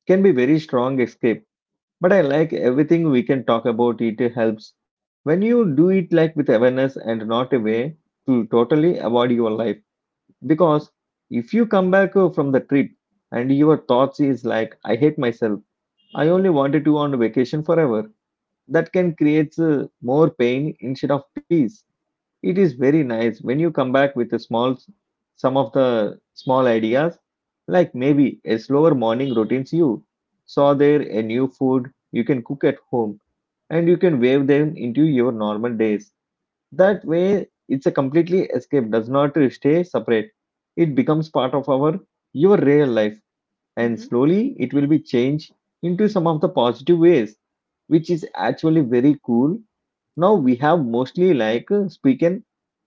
[SPEAKER 1] can be very strong escape. But I like everything we can talk about. It helps when you do it like with awareness and not a way to totally avoid your life, because if you come back from the trip and your thoughts is like I hate myself, I
[SPEAKER 2] Mm-hmm.
[SPEAKER 1] only wanted to on vacation forever, that can create more pain instead of peace. It is very nice when you come back with a small some of the small ideas, like maybe a slower morning routines you saw there, a new food you can cook at home, and you can wave them into your normal days. That way, it's a completely escape, does not stay separate. It becomes part of our your real life, and
[SPEAKER 2] Mm-hmm.
[SPEAKER 1] slowly it will be changed into some of the positive ways, which is actually very cool. Now we have mostly like spoken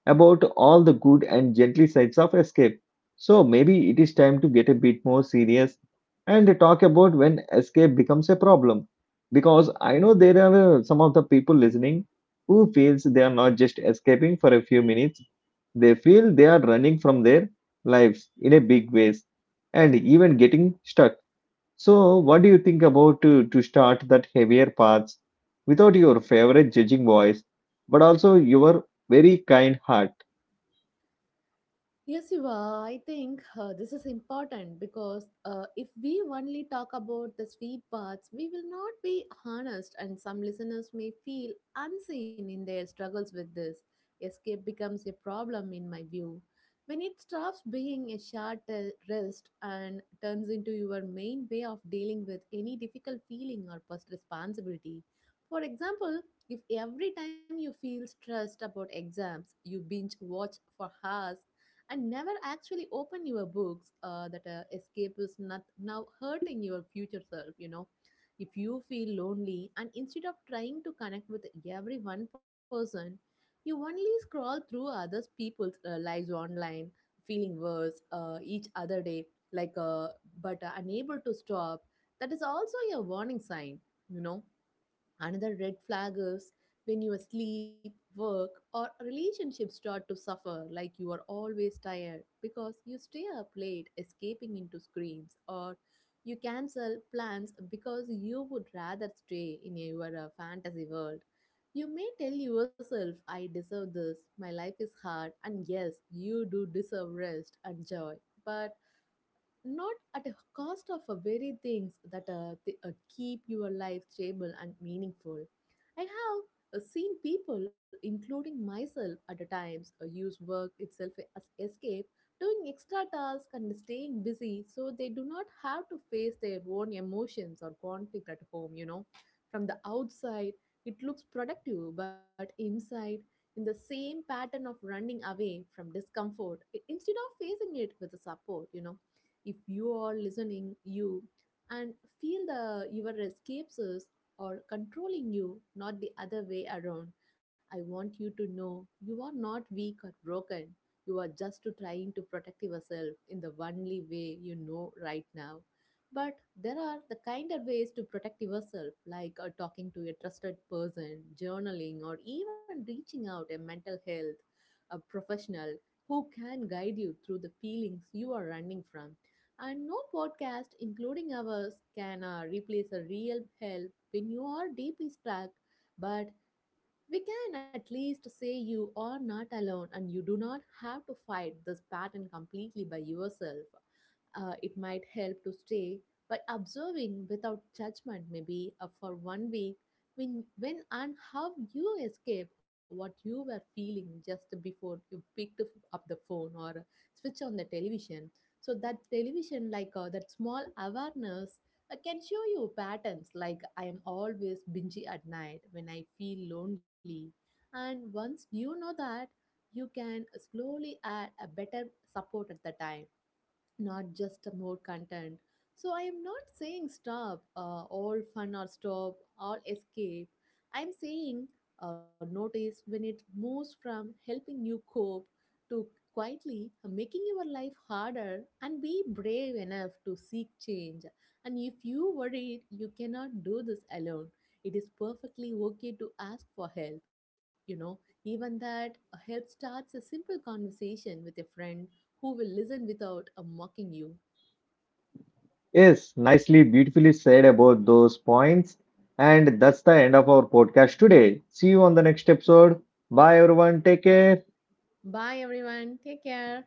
[SPEAKER 1] about all the good and gently sides of escape. So maybe it is time to get a bit more serious and talk about when escape becomes a problem. Because I know there are some of the people listening who feels they are not just escaping for a few minutes. They feel they are running from their lives in a big ways and even getting stuck. So, what do you think about to start that heavier paths without your favorite judging voice, but also your very kind heart?
[SPEAKER 2] Yes, you are. I think this is important because if we only talk about the sweet parts, we will not be honest, and some listeners may feel unseen in their struggles with this. Escape becomes a problem, in my view. When it stops being a short rest and turns into your main way of dealing with any difficult feeling or past responsibility. For example, if every time you feel stressed about exams, you binge watch for hours and never actually open your books that escape is not now hurting your future self. If you feel lonely, and instead of trying to connect with every one person, you only scroll through others people's lives online, feeling worse each other day, like, but unable to stop, that is also a warning sign you know Another red flag is when your sleep, work, or relationships start to suffer, like you are always tired because you stay up late escaping into screens, or you cancel plans because you would rather stay in your fantasy world. You may tell yourself, I deserve this, my life is hard, and yes, you do deserve rest and joy. But not at a cost of a very things that keep your life stable and meaningful. I have seen people, including myself at the times, use work itself as escape, doing extra tasks and staying busy so they do not have to face their own emotions or conflict at home. From the outside, it looks productive, but inside, in the same pattern of running away from discomfort, instead of facing it with the support. If you are listening you and feel the your escapes is or controlling you not the other way around, I want you to know you are not weak or broken. You are just to trying to protect yourself in the only way you know right now. But there are the kinder ways to protect yourself, like talking to a trusted person, journaling, or even reaching out a mental health a professional who can guide you through the feelings you are running from. And no podcast, including ours, can replace a real help when you are deeply stuck. But we can at least say you are not alone, and you do not have to fight this pattern completely by yourself. It might help to stay by observing without judgment, maybe for one week, when and how you escape, what you were feeling just before you picked up the phone or switch on the television. So that television, like that small awareness, I can show you patterns like I am always bingy at night when I feel lonely. And once you know that, you can slowly add a better support at the time, not just more content. So I am not saying stop all fun or stop all escape. I am saying notice when it moves from helping you cope to quietly making your life harder, and be brave enough to seek change. And if you worried you cannot do this alone, it is perfectly okay to ask for help. Even that help starts a simple conversation with a friend who will listen without mocking you.
[SPEAKER 1] Yes, nicely, beautifully said about those points. And that's the end of our podcast today. See you on the next episode. Bye, everyone. Take care.
[SPEAKER 2] Bye, everyone. Take care.